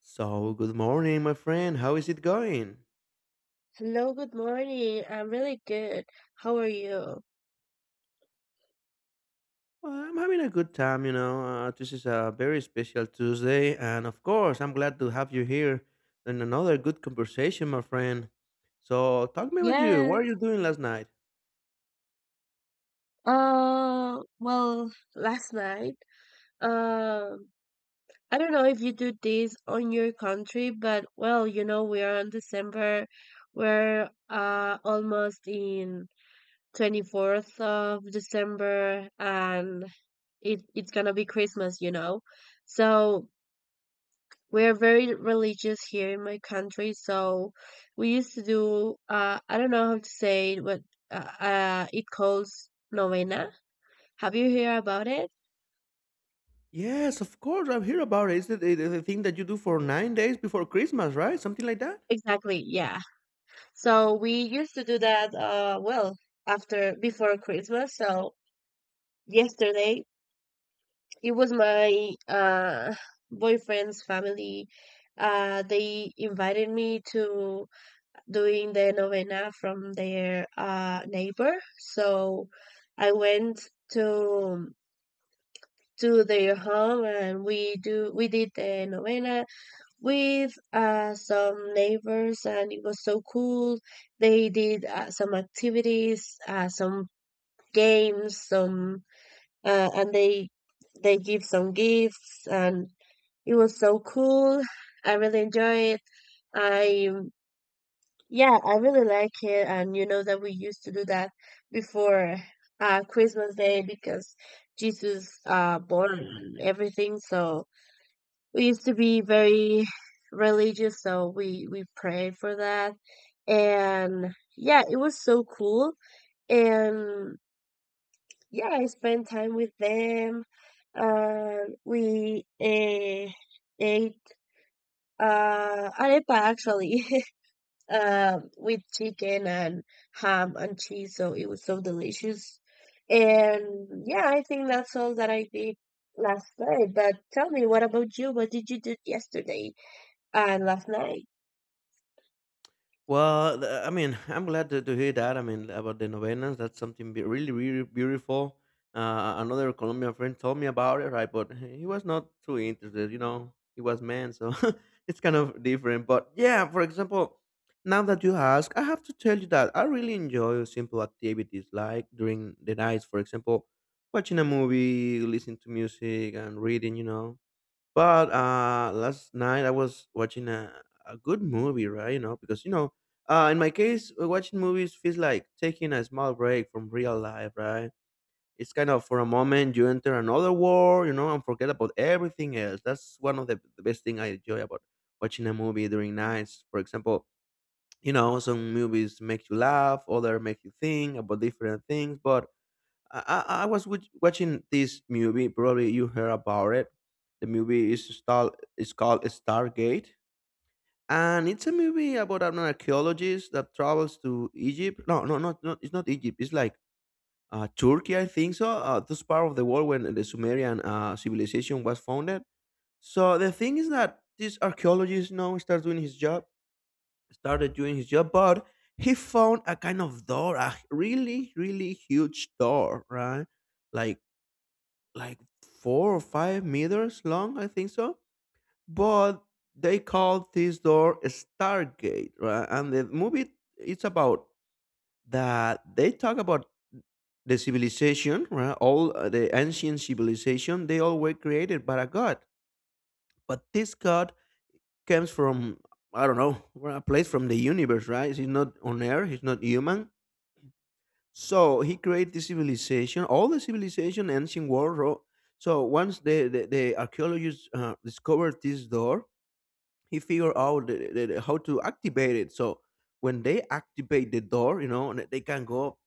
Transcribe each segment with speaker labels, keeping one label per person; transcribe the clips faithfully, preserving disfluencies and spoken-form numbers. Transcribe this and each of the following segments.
Speaker 1: So, good morning, my friend. How is it going?
Speaker 2: Hello, good morning. I'm really good. How are you?
Speaker 1: Well, I'm having a good time, you know. Uh, this is a very special Tuesday, and of course, I'm glad to have you here in another good conversation, my friend. So, talk me about you. What are
Speaker 2: Yes.
Speaker 1: you doing last night?
Speaker 2: Uh, well, Last night, um, I don't know if you do this on your country, but well, you know, we are on December. We're uh almost in twenty-fourth of December and it it's gonna be Christmas, you know. So we're very religious here in my country, so we used to do uh I don't know how to say it, but uh, uh it calls novena. Have you heard about it?
Speaker 1: Yes, of course, I've heard about it. It's the, the, the thing that you do for nine days before Christmas, right? Something like that?
Speaker 2: Exactly, yeah. So we used to do that uh well after before Christmas. So yesterday it was my uh boyfriend's family. Uh they invited me to doing the novena from their uh, neighbor. So I went to to their home and we do we did the novena with uh, some neighbors and it was so cool. They did uh, some activities, uh, some games, some uh, and they they give some gifts and it was so cool. I really enjoy it. I. Yeah, I really like it, and you know that we used to do that before uh Christmas Day because Jesus uh born and everything. So we used to be very religious, so we we prayed for that, and yeah, it was so cool. And yeah, I spent time with them, and we uh, ate uh arepa actually. Um, with chicken and ham and cheese, so it was so delicious. And yeah, I think that's all that I did last night. But tell me, what about you? What did you do yesterday and last night?
Speaker 1: Well, th- I mean, I'm glad to, to hear that. I mean, about the novenas, that's something be- really, really beautiful. Uh, another Colombian friend told me about it, right? But he was not too interested, you know, he was man, so it's kind of different. But yeah, for example, now that you ask, I have to tell you that I really enjoy simple activities like during the nights, for example, watching a movie, listening to music, and reading, you know. But uh, last night I was watching a, a good movie, right? You know, because you know, uh, in my case, uh, watching movies feels like taking a small break from real life, right? It's kind of for a moment you enter another world, you know, and forget about everything else. That's one of the, the best thing I enjoy about watching a movie during nights. For example, you know, some movies make you laugh, other make you think about different things, but I, I I was watch- watching this movie. Probably you heard about it. The movie is star is called Stargate, and it's a movie about an archaeologist that travels to Egypt. No, no, not, not it's not Egypt. It's like uh, Turkey, I think so. Uh, this part of the world when the Sumerian uh, civilization was founded. So the thing is that this archaeologist now starts doing his job, started doing his job, but he found a kind of door, a really, really huge door, right? like like four or five meters long, I think so. But they called this door a Stargate, right? And the movie it's about that they talk about the civilization, right? All uh, the ancient civilization, they all were created by a god, but this god comes from I don't know, a place from the universe, right? He's not on Earth. He's not human. So he created the civilization, all the civilization, ancient world. ro- So once the the, the archaeologists uh, discovered this door, he figured out the, the, the- how to activate it. So when they activate the door, you know, and they can go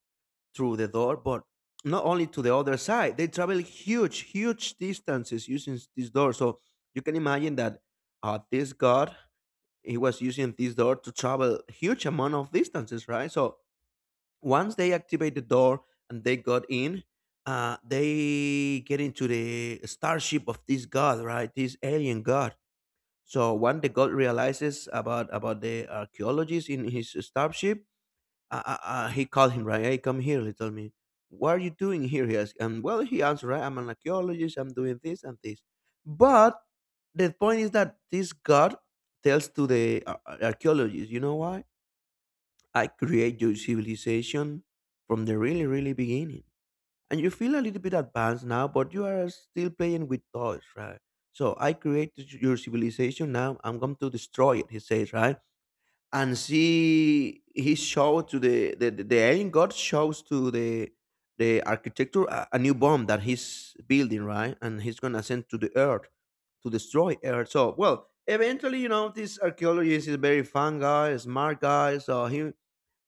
Speaker 1: through the door, but not only to the other side. They travel huge, huge distances using this door. So you can imagine that uh, this god he was using this door to travel huge amount of distances, right? So once they activate the door and they got in, uh, they get into the starship of this god, right? This alien god. So when the god realizes about about the archaeologist in his starship, uh, uh, uh, he called him, right? Hey, come here, little me. What are you doing here? He asked. And well, he answered, right? I'm an archaeologist. I'm doing this and this. But the point is that this god tells to the ar- ar- archaeologist, you know why? I create your civilization from the really, really beginning. And you feel a little bit advanced now, but you are still playing with toys, right? So I created your civilization now. I'm going to destroy it, he says, right? And see, he showed to the the, the, the alien god shows to the the architecture a, a new bomb that he's building, right? And he's gonna send to the earth to destroy earth. So well, eventually, you know, this archaeologist is a very fun guy, smart guy. So he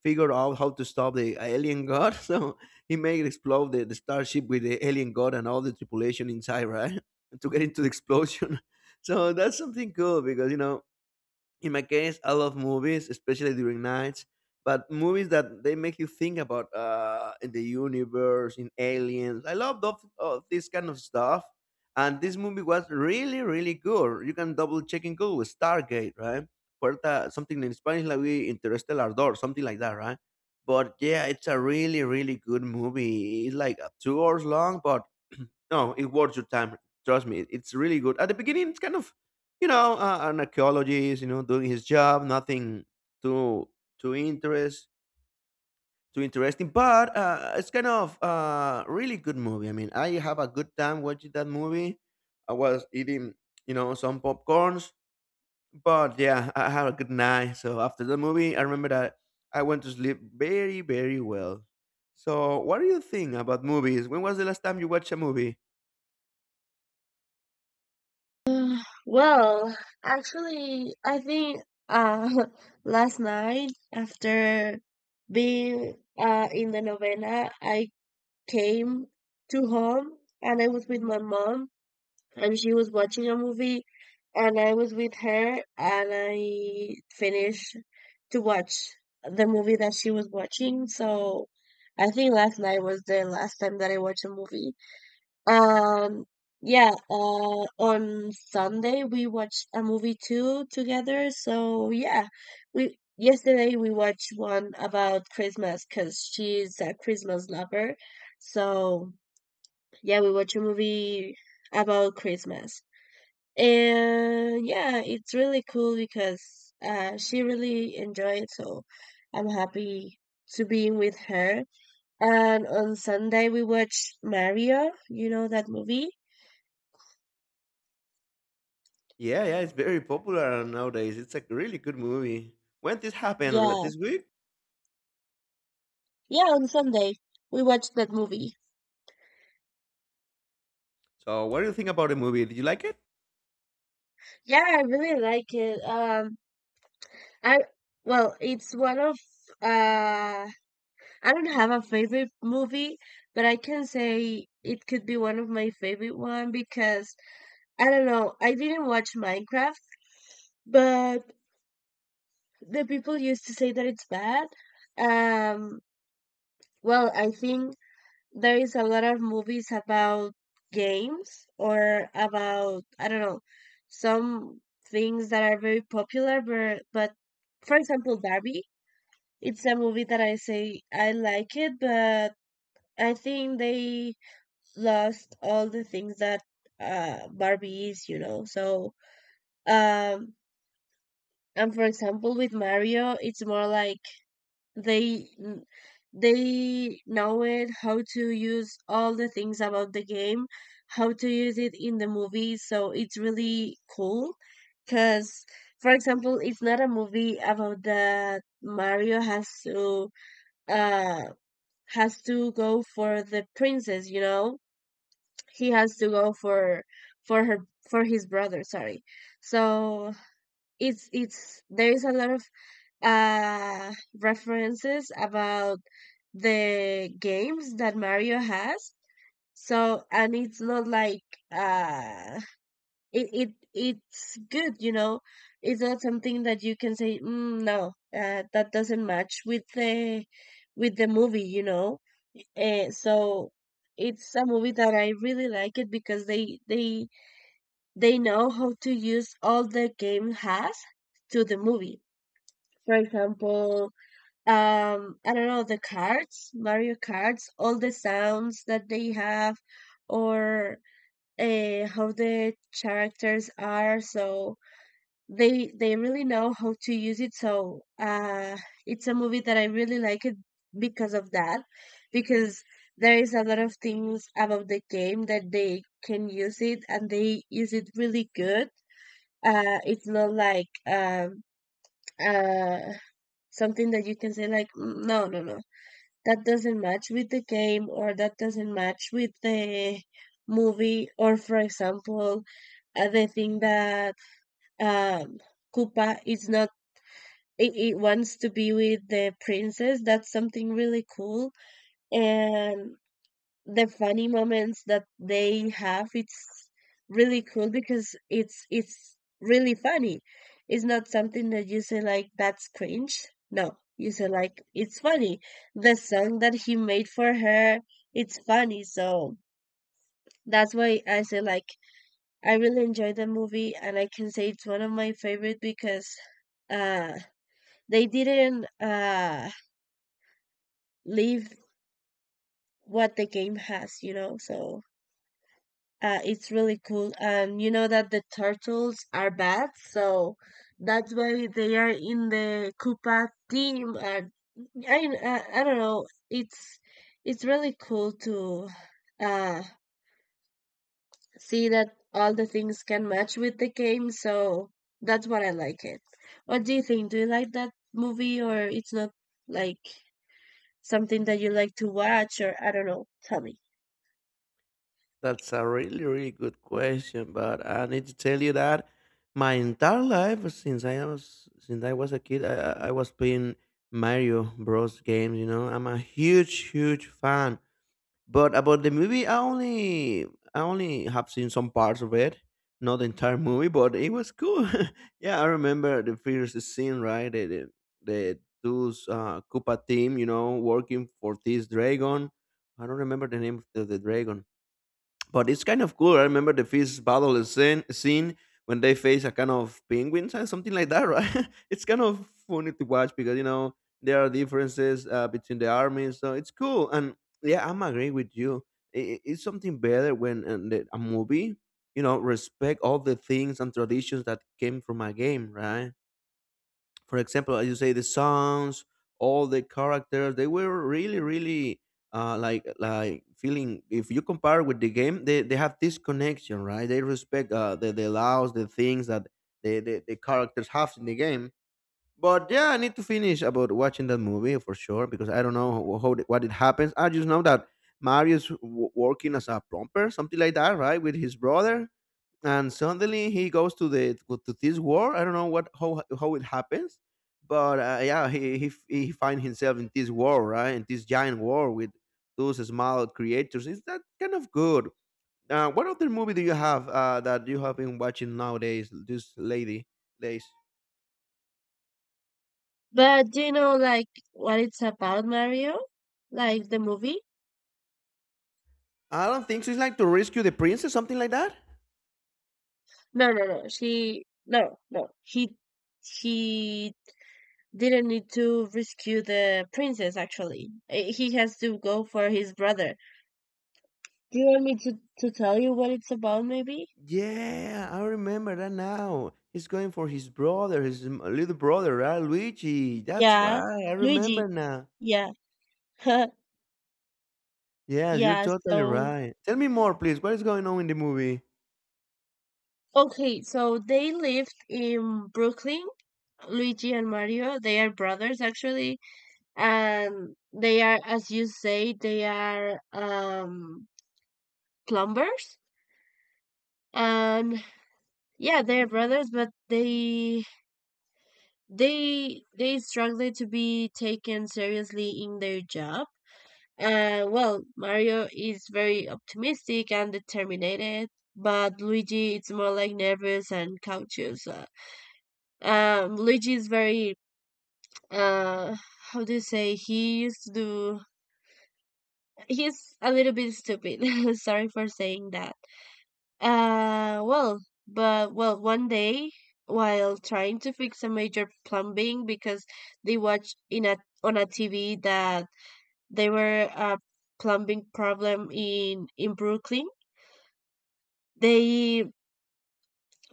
Speaker 1: figured out how to stop the alien god. So he made explode the, the starship with the alien god and all the tripulation inside, right? To get into the explosion. So that's something cool because you know in my case, I love movies, especially during nights. But movies that they make you think about uh, in the universe, in aliens. I love those, uh, this kind of stuff. And this movie was really, really good. You can double check in Google with Stargate, right? Puerta, something in Spanish like we Interstellar Door, something like that, right? But yeah, it's a really, really good movie. It's like uh, two hours long, but no, it worth your time. Trust me, it's really good. At the beginning, it's kind of you know, uh, an archaeologist, you know, doing his job, nothing too too interest too interesting, but uh, it's kind of uh, really good movie. I mean, I have a good time watching that movie. I was eating, you know, some popcorns, but yeah, I had a good night. So after the movie, I remember that I went to sleep very very well. So, what do you think about movies? When was the last time you watched a movie?
Speaker 2: Uh, well, Actually, I think uh, last night after being uh, in the novena, I came to home and I was with my mom and she was watching a movie and I was with her and I finished to watch the movie that she was watching. So I think last night was the last time that I watched a movie. Um yeah, uh on Sunday we watched a movie too together. So yeah, we yesterday we watched one about Christmas cuz she's a Christmas lover. So yeah, we watched a movie about Christmas. And yeah, it's really cool because uh, she really enjoyed it. So I'm happy to be with her. And on Sunday we watched Mario. You know that movie?
Speaker 1: Yeah, yeah, it's very popular nowadays. It's a really good movie. When this happened? Like
Speaker 2: Yeah,
Speaker 1: this week?
Speaker 2: yeah. On Sunday we watched that movie.
Speaker 1: So, what do you think about the movie? Did you like it?
Speaker 2: Yeah, I really like it. Um, I, well, it's one of uh, I don't have a favorite movie, but I can say it could be one of my favorite one because I don't know. I didn't watch Minecraft but the people used to say that it's bad. Um, well, I think there is a lot of movies about games or about, I don't know, some things that are very popular, but, but for example, Barbie, it's a movie that I say I like it, but I think they lost all the things that uh, Barbie is, you know. So, um, and for example, with Mario, it's more like they n- they know it how to use all the things about the game, how to use it in the movie, so it's really cool because for example it's not a movie about that Mario has to uh has to go for the princess, you know, he has to go for for her for his brother, sorry. So it's it's there is a lot of uh, references about the games that Mario has. So, and it's not like uh, it, it it's good, you know. It's not something that you can say, mm, no, uh, that doesn't match with the with the movie, you know. Uh, so it's a movie that I really like it because they they they know how to use all the game has to the movie. For example, um I don't know, the cards, Mario cards, all the sounds that they have, or uh, how the characters are, so they they really know how to use it, so uh it's a movie that I really like it because of that, because there is a lot of things about the game that they can use it and they use it really good. Uh it's not like um uh something that you can say like, "Mm, no, no, no, that doesn't match with the game, or that doesn't match with the movie," or for example, uh, the thing that um Koopa is not, it, it wants to be with the princess, that's something really cool. And the funny moments that they have, it's really cool because it's it's really funny. It's not something that you say like that's cringe. No, you say like it's funny. The song that he made for her, it's funny. So that's why I say like I really enjoyed the movie and I can say it's one of my favorite because uh they didn't uh leave what the game has, you know. So Uh, it's really cool. And you know that the turtles are bad, so that's why they are in the Koopa team. And I, I, I don't know. It's it's really cool to uh, see that all the things can match with the game. So that's what I like it. What do you think? Do you like that movie, or it's not like something that you like to watch, or I don't know? Tell me.
Speaker 1: That's a really, really good question, but I need to tell you that my entire life since I was since I was a kid, I, I I was playing Mario Bros. Games. You know, I'm a huge, huge fan. But about the movie, I only I only have seen some parts of it, not the entire movie, but it was cool. Yeah, I remember the first scene, right? The the, the those uh, Koopa team, you know, working for this dragon. I don't remember the name of the, the dragon. But it's kind of cool. I remember the first battle is scene, scene when they face a kind of penguins and something like that, right? It's kind of funny to watch because you know there are differences uh, between the armies, so it's cool. And yeah, I'm agree with you. I- i- it's something better when uh, the, a movie, you know, respect all the things and traditions that came from a game, right? For example, as you say, the songs, all the characters, they were really, really uh, like like feeling. If you compare with the game, they, they have this connection, right? They respect uh, the the laws, the things that the, the the characters have in the game. But yeah, I need to finish about watching that movie for sure because I don't know how, how it- what it happens. I just know that Mario's w- working as a plumber, something like that, right, with his brother and suddenly he goes to the to this war. I don't know what how how it happens, but uh, yeah, he he he finds himself in this war, right? In this giant war with those small creators. Is that kind of good? Uh, what other movie do you have uh, that you have been watching nowadays? This lady days.
Speaker 2: But do you know like what it's about, Mario? Like the movie?
Speaker 1: I don't think so. It's like to rescue the princess, something like that.
Speaker 2: No, no, no. She, no, no. He he didn't need to rescue the princess actually. Eh, He has to go for his brother. Do you want me to to tell you what it's about maybe?
Speaker 1: Yeah, I remember that now. He's going for his brother, his m- little brother, right? Luigi. That's
Speaker 2: Yeah.
Speaker 1: right. I
Speaker 2: Luigi.
Speaker 1: remember now.
Speaker 2: Yeah.
Speaker 1: Yes, you're
Speaker 2: Yeah,
Speaker 1: totally
Speaker 2: so
Speaker 1: right. Tell me more, please. What is going on in the movie?
Speaker 2: okay, so they lived in Brooklyn. Luigi and Mario, they are brothers actually, and they are, as you say, they are um plumbers. And yeah, they're brothers, but they they they struggle to be taken seriously in their job. Uh, well, Mario is very optimistic and determined, but Luigi is more like nervous and cautious. Uh, um, Luigi is very uh, how do you say? He used to do. He's a little bit stupid. Sorry for saying that. Uh, well, but well, one day while trying to fix a major plumbing because they watched in a on a T V that there were a plumbing problem in in Brooklyn, they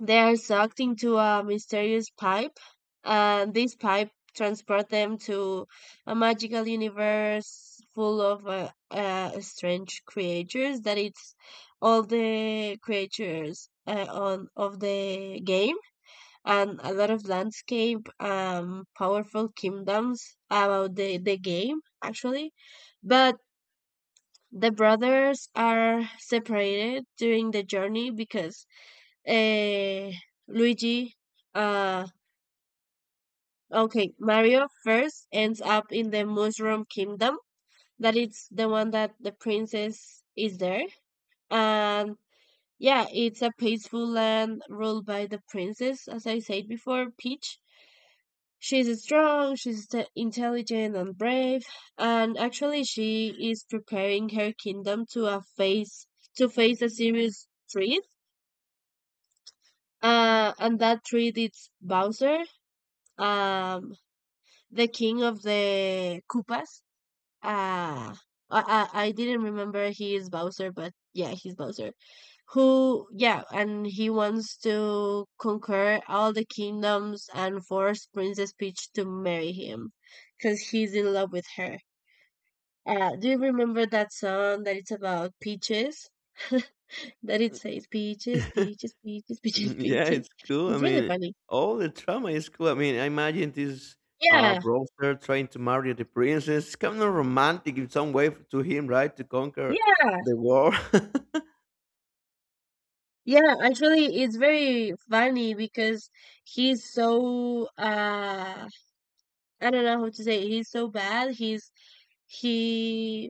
Speaker 2: they are sucked into a mysterious pipe, and this pipe transports them to a magical universe full of uh, uh, strange creatures. That it's all the creatures uh, on of the game, and a lot of landscape, um, powerful kingdoms about the the game actually. But the brothers are separated during the journey because eh, Luigi, uh, okay, Mario first ends up in the Mushroom Kingdom. That it's the one that the princess is there. And yeah, it's a peaceful land ruled by the princess, as I said before, Peach. She's strong, she's t- intelligent and brave, and actually she is preparing her kingdom to a face to face a serious threat. Uh, and that threat is Bowser. Um, the king of the Koopas. Uh I, I I didn't remember he is Bowser, but yeah, he's Bowser. Who, yeah, and he wants to conquer all the kingdoms and force Princess Peach to marry him because he's in love with her. Uh, do you remember that song that it's about peaches? That it says peaches, peaches, peaches, peaches,
Speaker 1: Yeah, it's
Speaker 2: peaches.
Speaker 1: cool. I
Speaker 2: It's really
Speaker 1: mean,
Speaker 2: funny.
Speaker 1: all the trauma is cool. I mean, I imagine this uh
Speaker 2: Yeah,
Speaker 1: browser trying to marry the princess. It's kind of romantic in some way to him, right? To conquer
Speaker 2: yeah.
Speaker 1: the world.
Speaker 2: Yeah, actually, it's very funny because he's so uh I don't know how to say it. He's so bad. He's he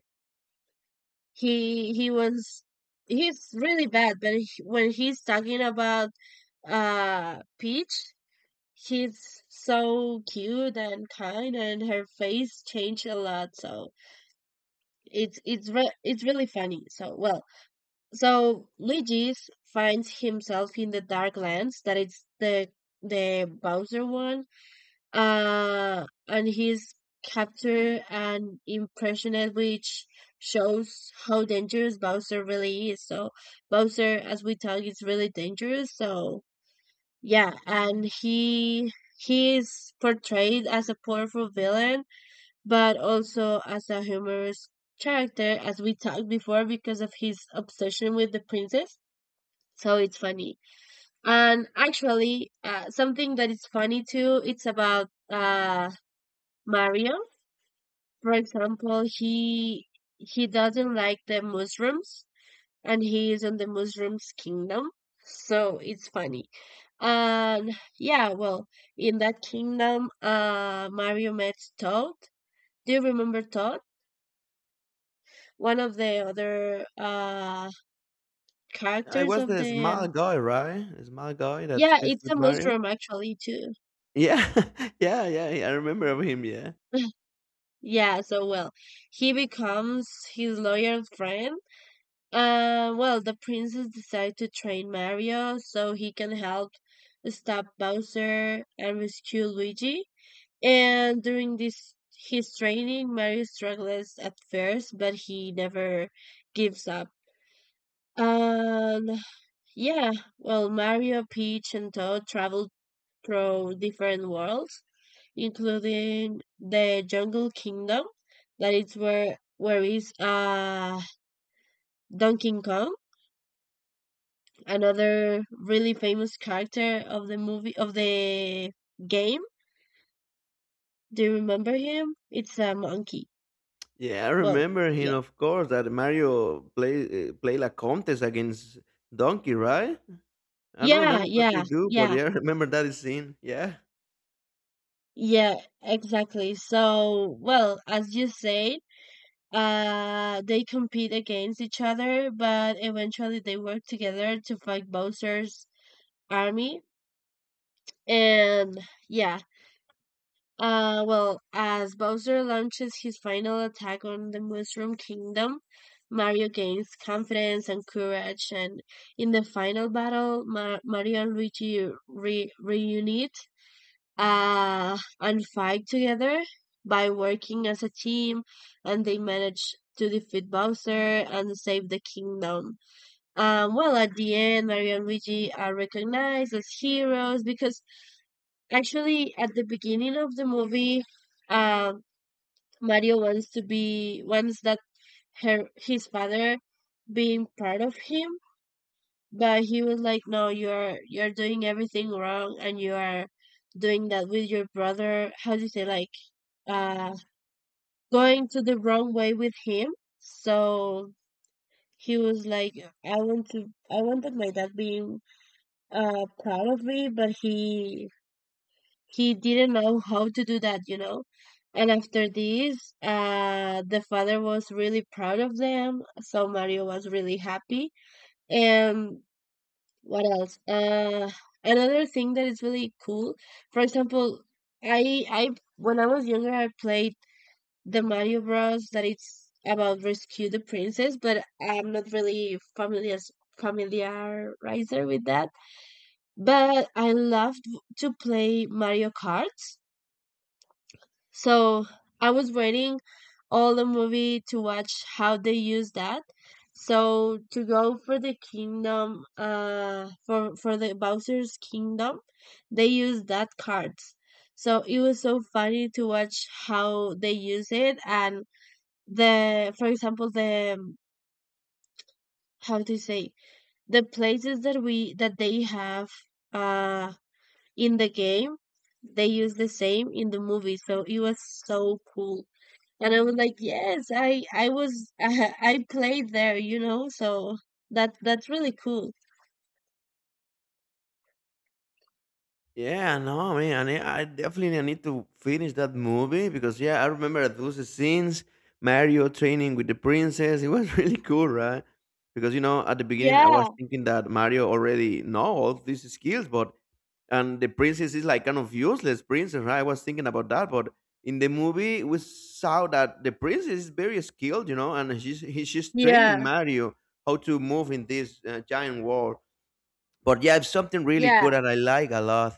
Speaker 2: he he was he's really bad, but he, when he's talking about uh Peach, he's so cute and kind, and her face changed a lot. So it's it's re it's really funny. So well, so Luigi's finds himself in the Dark Lands, that it's the the Bowser one. Uh and he's captured and impressioned, which shows how dangerous Bowser really is. So Bowser as we talk is really dangerous. So yeah, and he he is portrayed as a powerful villain but also as a humorous character as we talked before because of his obsession with the princess, so it's funny. And actually uh, something that is funny too, it's about uh Mario, for example he he doesn't like the mushrooms and he is in the mushrooms kingdom, so it's funny. And yeah, well, in that kingdom uh Mario met Toad. Do you remember Toad, one of the other uh
Speaker 1: I
Speaker 2: characters
Speaker 1: was
Speaker 2: of
Speaker 1: the
Speaker 2: the,
Speaker 1: small guy, right? The small guy that
Speaker 2: yeah,
Speaker 1: speaks
Speaker 2: it's
Speaker 1: with
Speaker 2: a
Speaker 1: Mario.
Speaker 2: mushroom actually too.
Speaker 1: Yeah, yeah, yeah, yeah, I remember of him. Yeah,
Speaker 2: Yeah, so well, he becomes his loyal friend. Uh, well, the princess decides to train Mario so he can help stop Bowser and rescue Luigi. And during this his training, Mario struggles at first, but he never gives up. And yeah, well, Mario, Peach, and Toad travel through different worlds including the Jungle Kingdom, that is where where is uh Donkey Kong, another really famous character of the movie of the game. Do you remember him? It's a monkey.
Speaker 1: yeah. I
Speaker 2: Well,
Speaker 1: remember him,
Speaker 2: yeah.
Speaker 1: of course. That Mario play uh, play La Contest against Donkey, right? I don't
Speaker 2: Yeah,
Speaker 1: remember what
Speaker 2: yeah,
Speaker 1: they do, but
Speaker 2: yeah.
Speaker 1: yeah, I remember that is scene. Yeah.
Speaker 2: Yeah, exactly. So, well, as you said, uh they compete against each other, but eventually they work together to fight Bowser's army. And yeah, Uh, well, as Bowser launches his final attack on the Mushroom Kingdom, Mario gains confidence and courage, and in the final battle, Ma- Mario and Luigi re- reunite uh, and fight together by working as a team, and they manage to defeat Bowser and save the kingdom. Um, well, at the end, Mario and Luigi are recognized as heroes because actually, at the beginning of the movie, uh, Mario wants to be wants that her his father being part of him, but he was like, "No, you're you're doing everything wrong, and you are doing that with your brother. How do you say, like, uh going to the wrong way with him?" So he was like, "I want to I wanted my dad being uh proud of me, but he he didn't know how to do that, you know. And after this, uh, the father was really proud of them. So Mario was really happy. And what else? Uh, another thing that is really cool. For example, I I when I was younger, I played the Mario Bros. That it's about rescue the princess, but I'm not really familiar familiarizer with that. But I loved to play Mario Karts. So I was waiting all the movie to watch how they use that. So to go for the kingdom, uh, for for the Bowser's kingdom, they use that cards. So it was so funny to watch how they use it and the, for example, the um, how to say the places that we that they have uh in the game, they use the same in the movie. So it was so cool. And I was like, yes, I I was I played there, you know, so that that's really cool.
Speaker 1: Yeah, no, man. I ne- I definitely need to finish that movie because yeah, I remember those scenes. Mario training with the princess. It was really cool, right? Because you know, at the beginning, I
Speaker 2: Yeah,
Speaker 1: was thinking that Mario already know all these skills, but and the princess is like kind of useless princess, right? I was thinking about that, but in the movie, we saw that the princess is very skilled, you know, and she's he, she's training
Speaker 2: yeah,
Speaker 1: Mario how to move in this uh, giant world. But yeah, it's something really
Speaker 2: yeah,
Speaker 1: cool that I like a lot.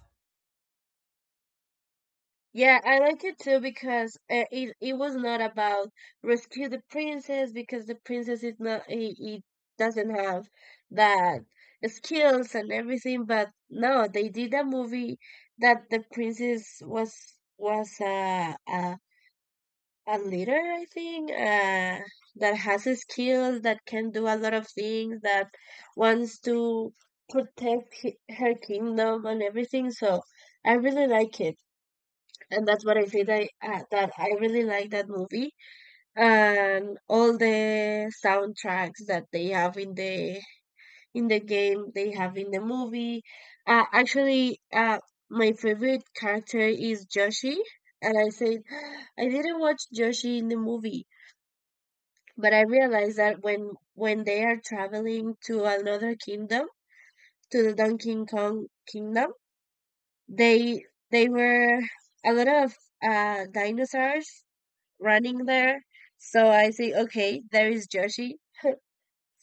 Speaker 2: yeah. I like it too because uh, it it was not about rescue the princess because the princess is not he, he doesn't have that skills and everything. But no, they did a movie that the princess was was a a a leader, I think, uh, that has a skills that can do a lot of things that wants to protect hi- her kingdom and everything. So I really like it, and that's what I say, that I, uh, that I really like that movie and all the soundtracks that they have in the in the game they have in the movie. Uh, actually uh, My favorite character is Joshi, and I said I didn't watch Joshi in the movie, but I realized that when when they are traveling to another kingdom, to the Donkey Kong kingdom, they they were a lot of uh, dinosaurs running there. So I say, okay, there is Yoshi.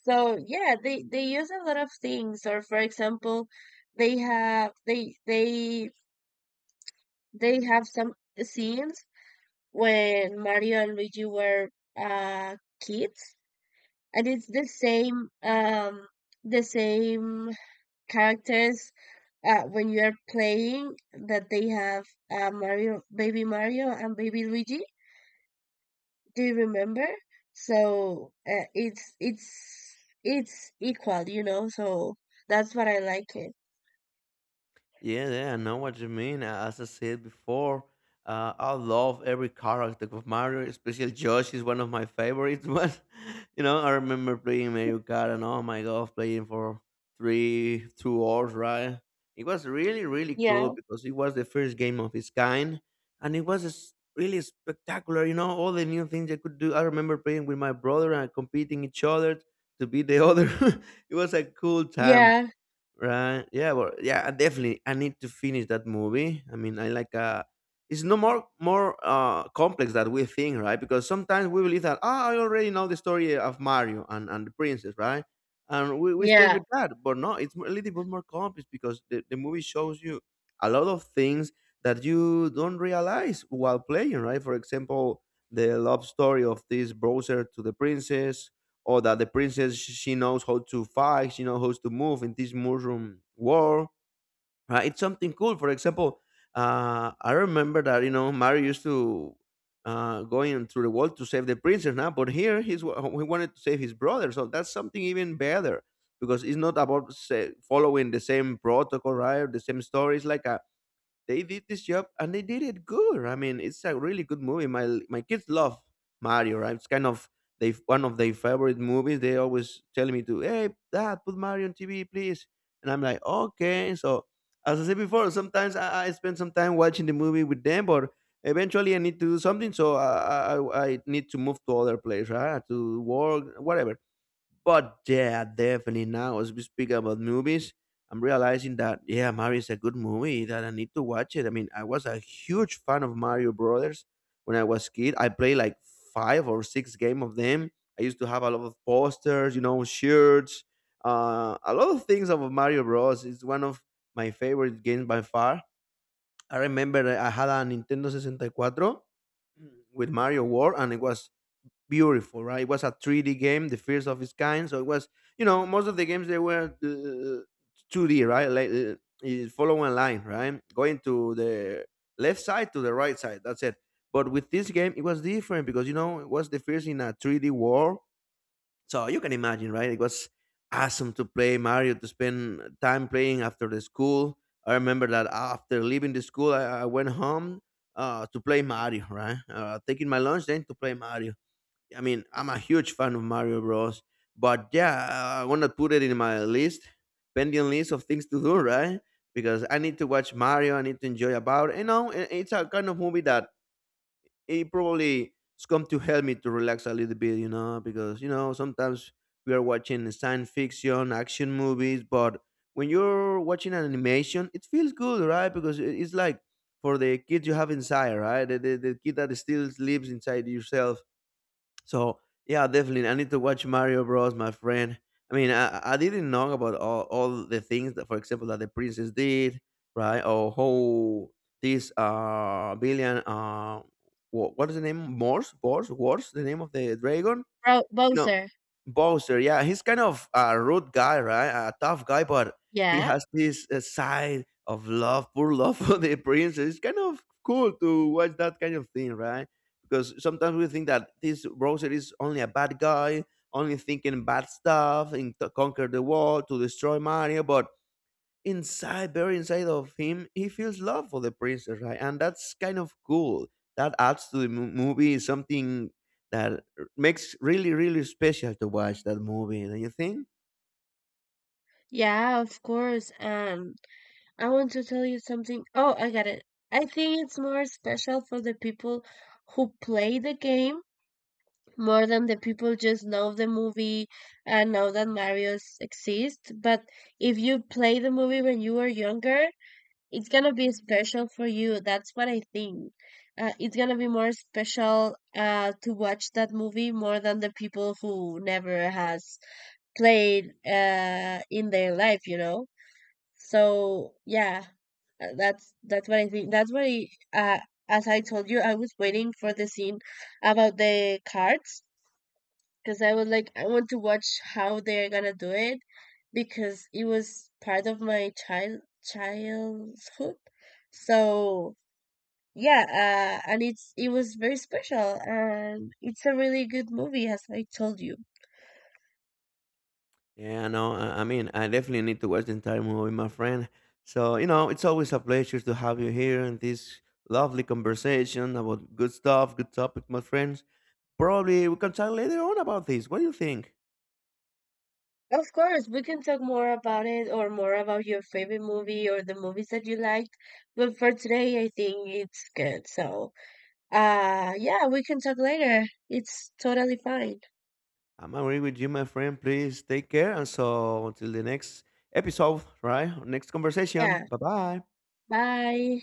Speaker 2: So yeah, they they use a lot of things. Or for example, they have they they they have some scenes when Mario and Luigi were uh kids, and it's the same um the same characters uh, when you are playing that they have, uh, Mario, Baby Mario, and Baby Luigi. Do you remember? So uh, it's it's it's equal, you know. So that's what I like it.
Speaker 1: Yeah, yeah, I know what you mean. A- As I said before, uh, I love every character of Mario, especially Josh is one of my favorites. But you know, I remember playing Mario Kart, and oh my god, playing for three, two hours, right? It was really, really cool
Speaker 2: Yeah,
Speaker 1: because it was the first game of its kind, and it was s- really spectacular. You know, all the new things I could do. I remember playing with my brother and competing each other to beat the other. It was a cool time.
Speaker 2: yeah,
Speaker 1: Right. Yeah. Well. Yeah. I definitely. I need to finish that movie. I mean, I like. Uh, it's no more more uh complex that we think, right? Because sometimes we believe that ah, I already know the story of Mario and and the princess, right? And we, we stay
Speaker 2: yeah.
Speaker 1: with that, but no, it's a little bit more complex because the, the movie shows you a lot of things that you don't realize while playing, right? For example, the love story of this browser to the princess, or that the princess she knows how to fight, she knows how to move in this Muslim world. Right? It's something cool. For example, uh, I remember that you know Mario used to uh, going through the wall to save the princess now, but here he's wa- he wanted to save his brother. So that's something even better because it's not about say, following the same protocol, right? Or the same story. It's like a they did this job and they did it good. I mean, it's a really good movie. My my kids love Mario, right? It's kind of they one of their favorite movies. They always tell me to, hey, Dad, put Mario on T V, please. And I'm like, okay. So as I said before, sometimes I, I spend some time watching the movie with them, but eventually I need to do something, so I I, I I need to move to other place, right? To work, whatever. But yeah, definitely now as we speak about movies, I'm realizing that yeah, Mario is a good movie that I need to watch it. I mean, I was a huge fan of Mario Brothers when I was kid. I played like five or six game of them. I used to have a lot of posters, you know, shirts, uh, a lot of things of Mario Bros. It's one of my favorite games by far. I remember I had a Nintendo sixty-four with Mario World, and it was beautiful, right? It was a three D game, the first of its kind. So it was, you know, most of the games they were uh, two D, right? Like uh, you follow line, right? Going to the left side to the right side. That's it. But with this game, it was different because you know it was the first in a three D world. So you can imagine, right? It was awesome to play Mario, to spend time playing after the school. I remember that after leaving the school, I, I went home uh, to play Mario, right? Uh, taking my lunch then to play Mario. I mean, I'm a huge fan of Mario Bros. But yeah, I want to put it in my list, pending list of things to do, right? Because I need to watch Mario. I need to enjoy about. You know, i- it's a kind of movie that it probably is come to help me to relax a little bit. You know, because you know sometimes we are watching science fiction, action movies, but when you're watching an animation, it feels good, right? Because it- it's like for the kid you have inside, right? The, the, the kid that still lives inside yourself so yeah, definitely. I need to watch Mario Bros, my friend. I mean, I, I didn't know about all, all the things that, for example, that the princess did, right? Or how this uh billion uh what, what is the name? Morse, Morse, Wars, the name of the dragon.
Speaker 2: Bro-
Speaker 1: You know,
Speaker 2: Bowser.
Speaker 1: Bowser, yeah, he's kind of a rude guy, right? A tough guy, but he
Speaker 2: Yeah,
Speaker 1: has this uh, side of love, pure love for the princess. It's kind of cool to watch that kind of thing, right? Because sometimes we think that this Bowser is only a bad guy, only thinking bad stuff, and to conquer the world, to destroy Mario, but inside, buried inside of him, he feels love for the princess, right? And that's kind of cool. That adds to the mo- movie something that r- makes really, really special to watch that movie. Don't you think?
Speaker 2: yeah. Of course. Um, I want to tell you something. Oh, I got it. I think it's more special for the people who play the game more than the people just know the movie and know that Mario's exist. But if you play the movie when you were younger, it's gonna be special for you. That's what I think. Uh, it's gonna be more special uh, to watch that movie more than the people who never has played uh, in their life, you know? So yeah, uh, that's that's what I think. That's what I uh, as I told you, I was waiting for the scene about the cards because I was like, I want to watch how they're gonna do it because it was part of my child childhood. So yeah, uh, and it's it was very special, and it's a really good movie as I told you.
Speaker 1: Yeah, no, I, I mean, I definitely need to watch the entire movie, my friend. So you know, it's always a pleasure to have you here in this lovely conversation about good stuff, good topic, my friends. Probably we can chat later on about this. What do you think?
Speaker 2: Of course, we can talk more about it or more about your favorite movie or the movies that you liked. But for today, I think it's good. So, uh, yeah, we can talk later. It's totally fine.
Speaker 1: I'm agreeing with you, my friend. Please take care. And so until the next episode, right? Next conversation.
Speaker 2: Yeah.
Speaker 1: Bye bye.
Speaker 2: Bye.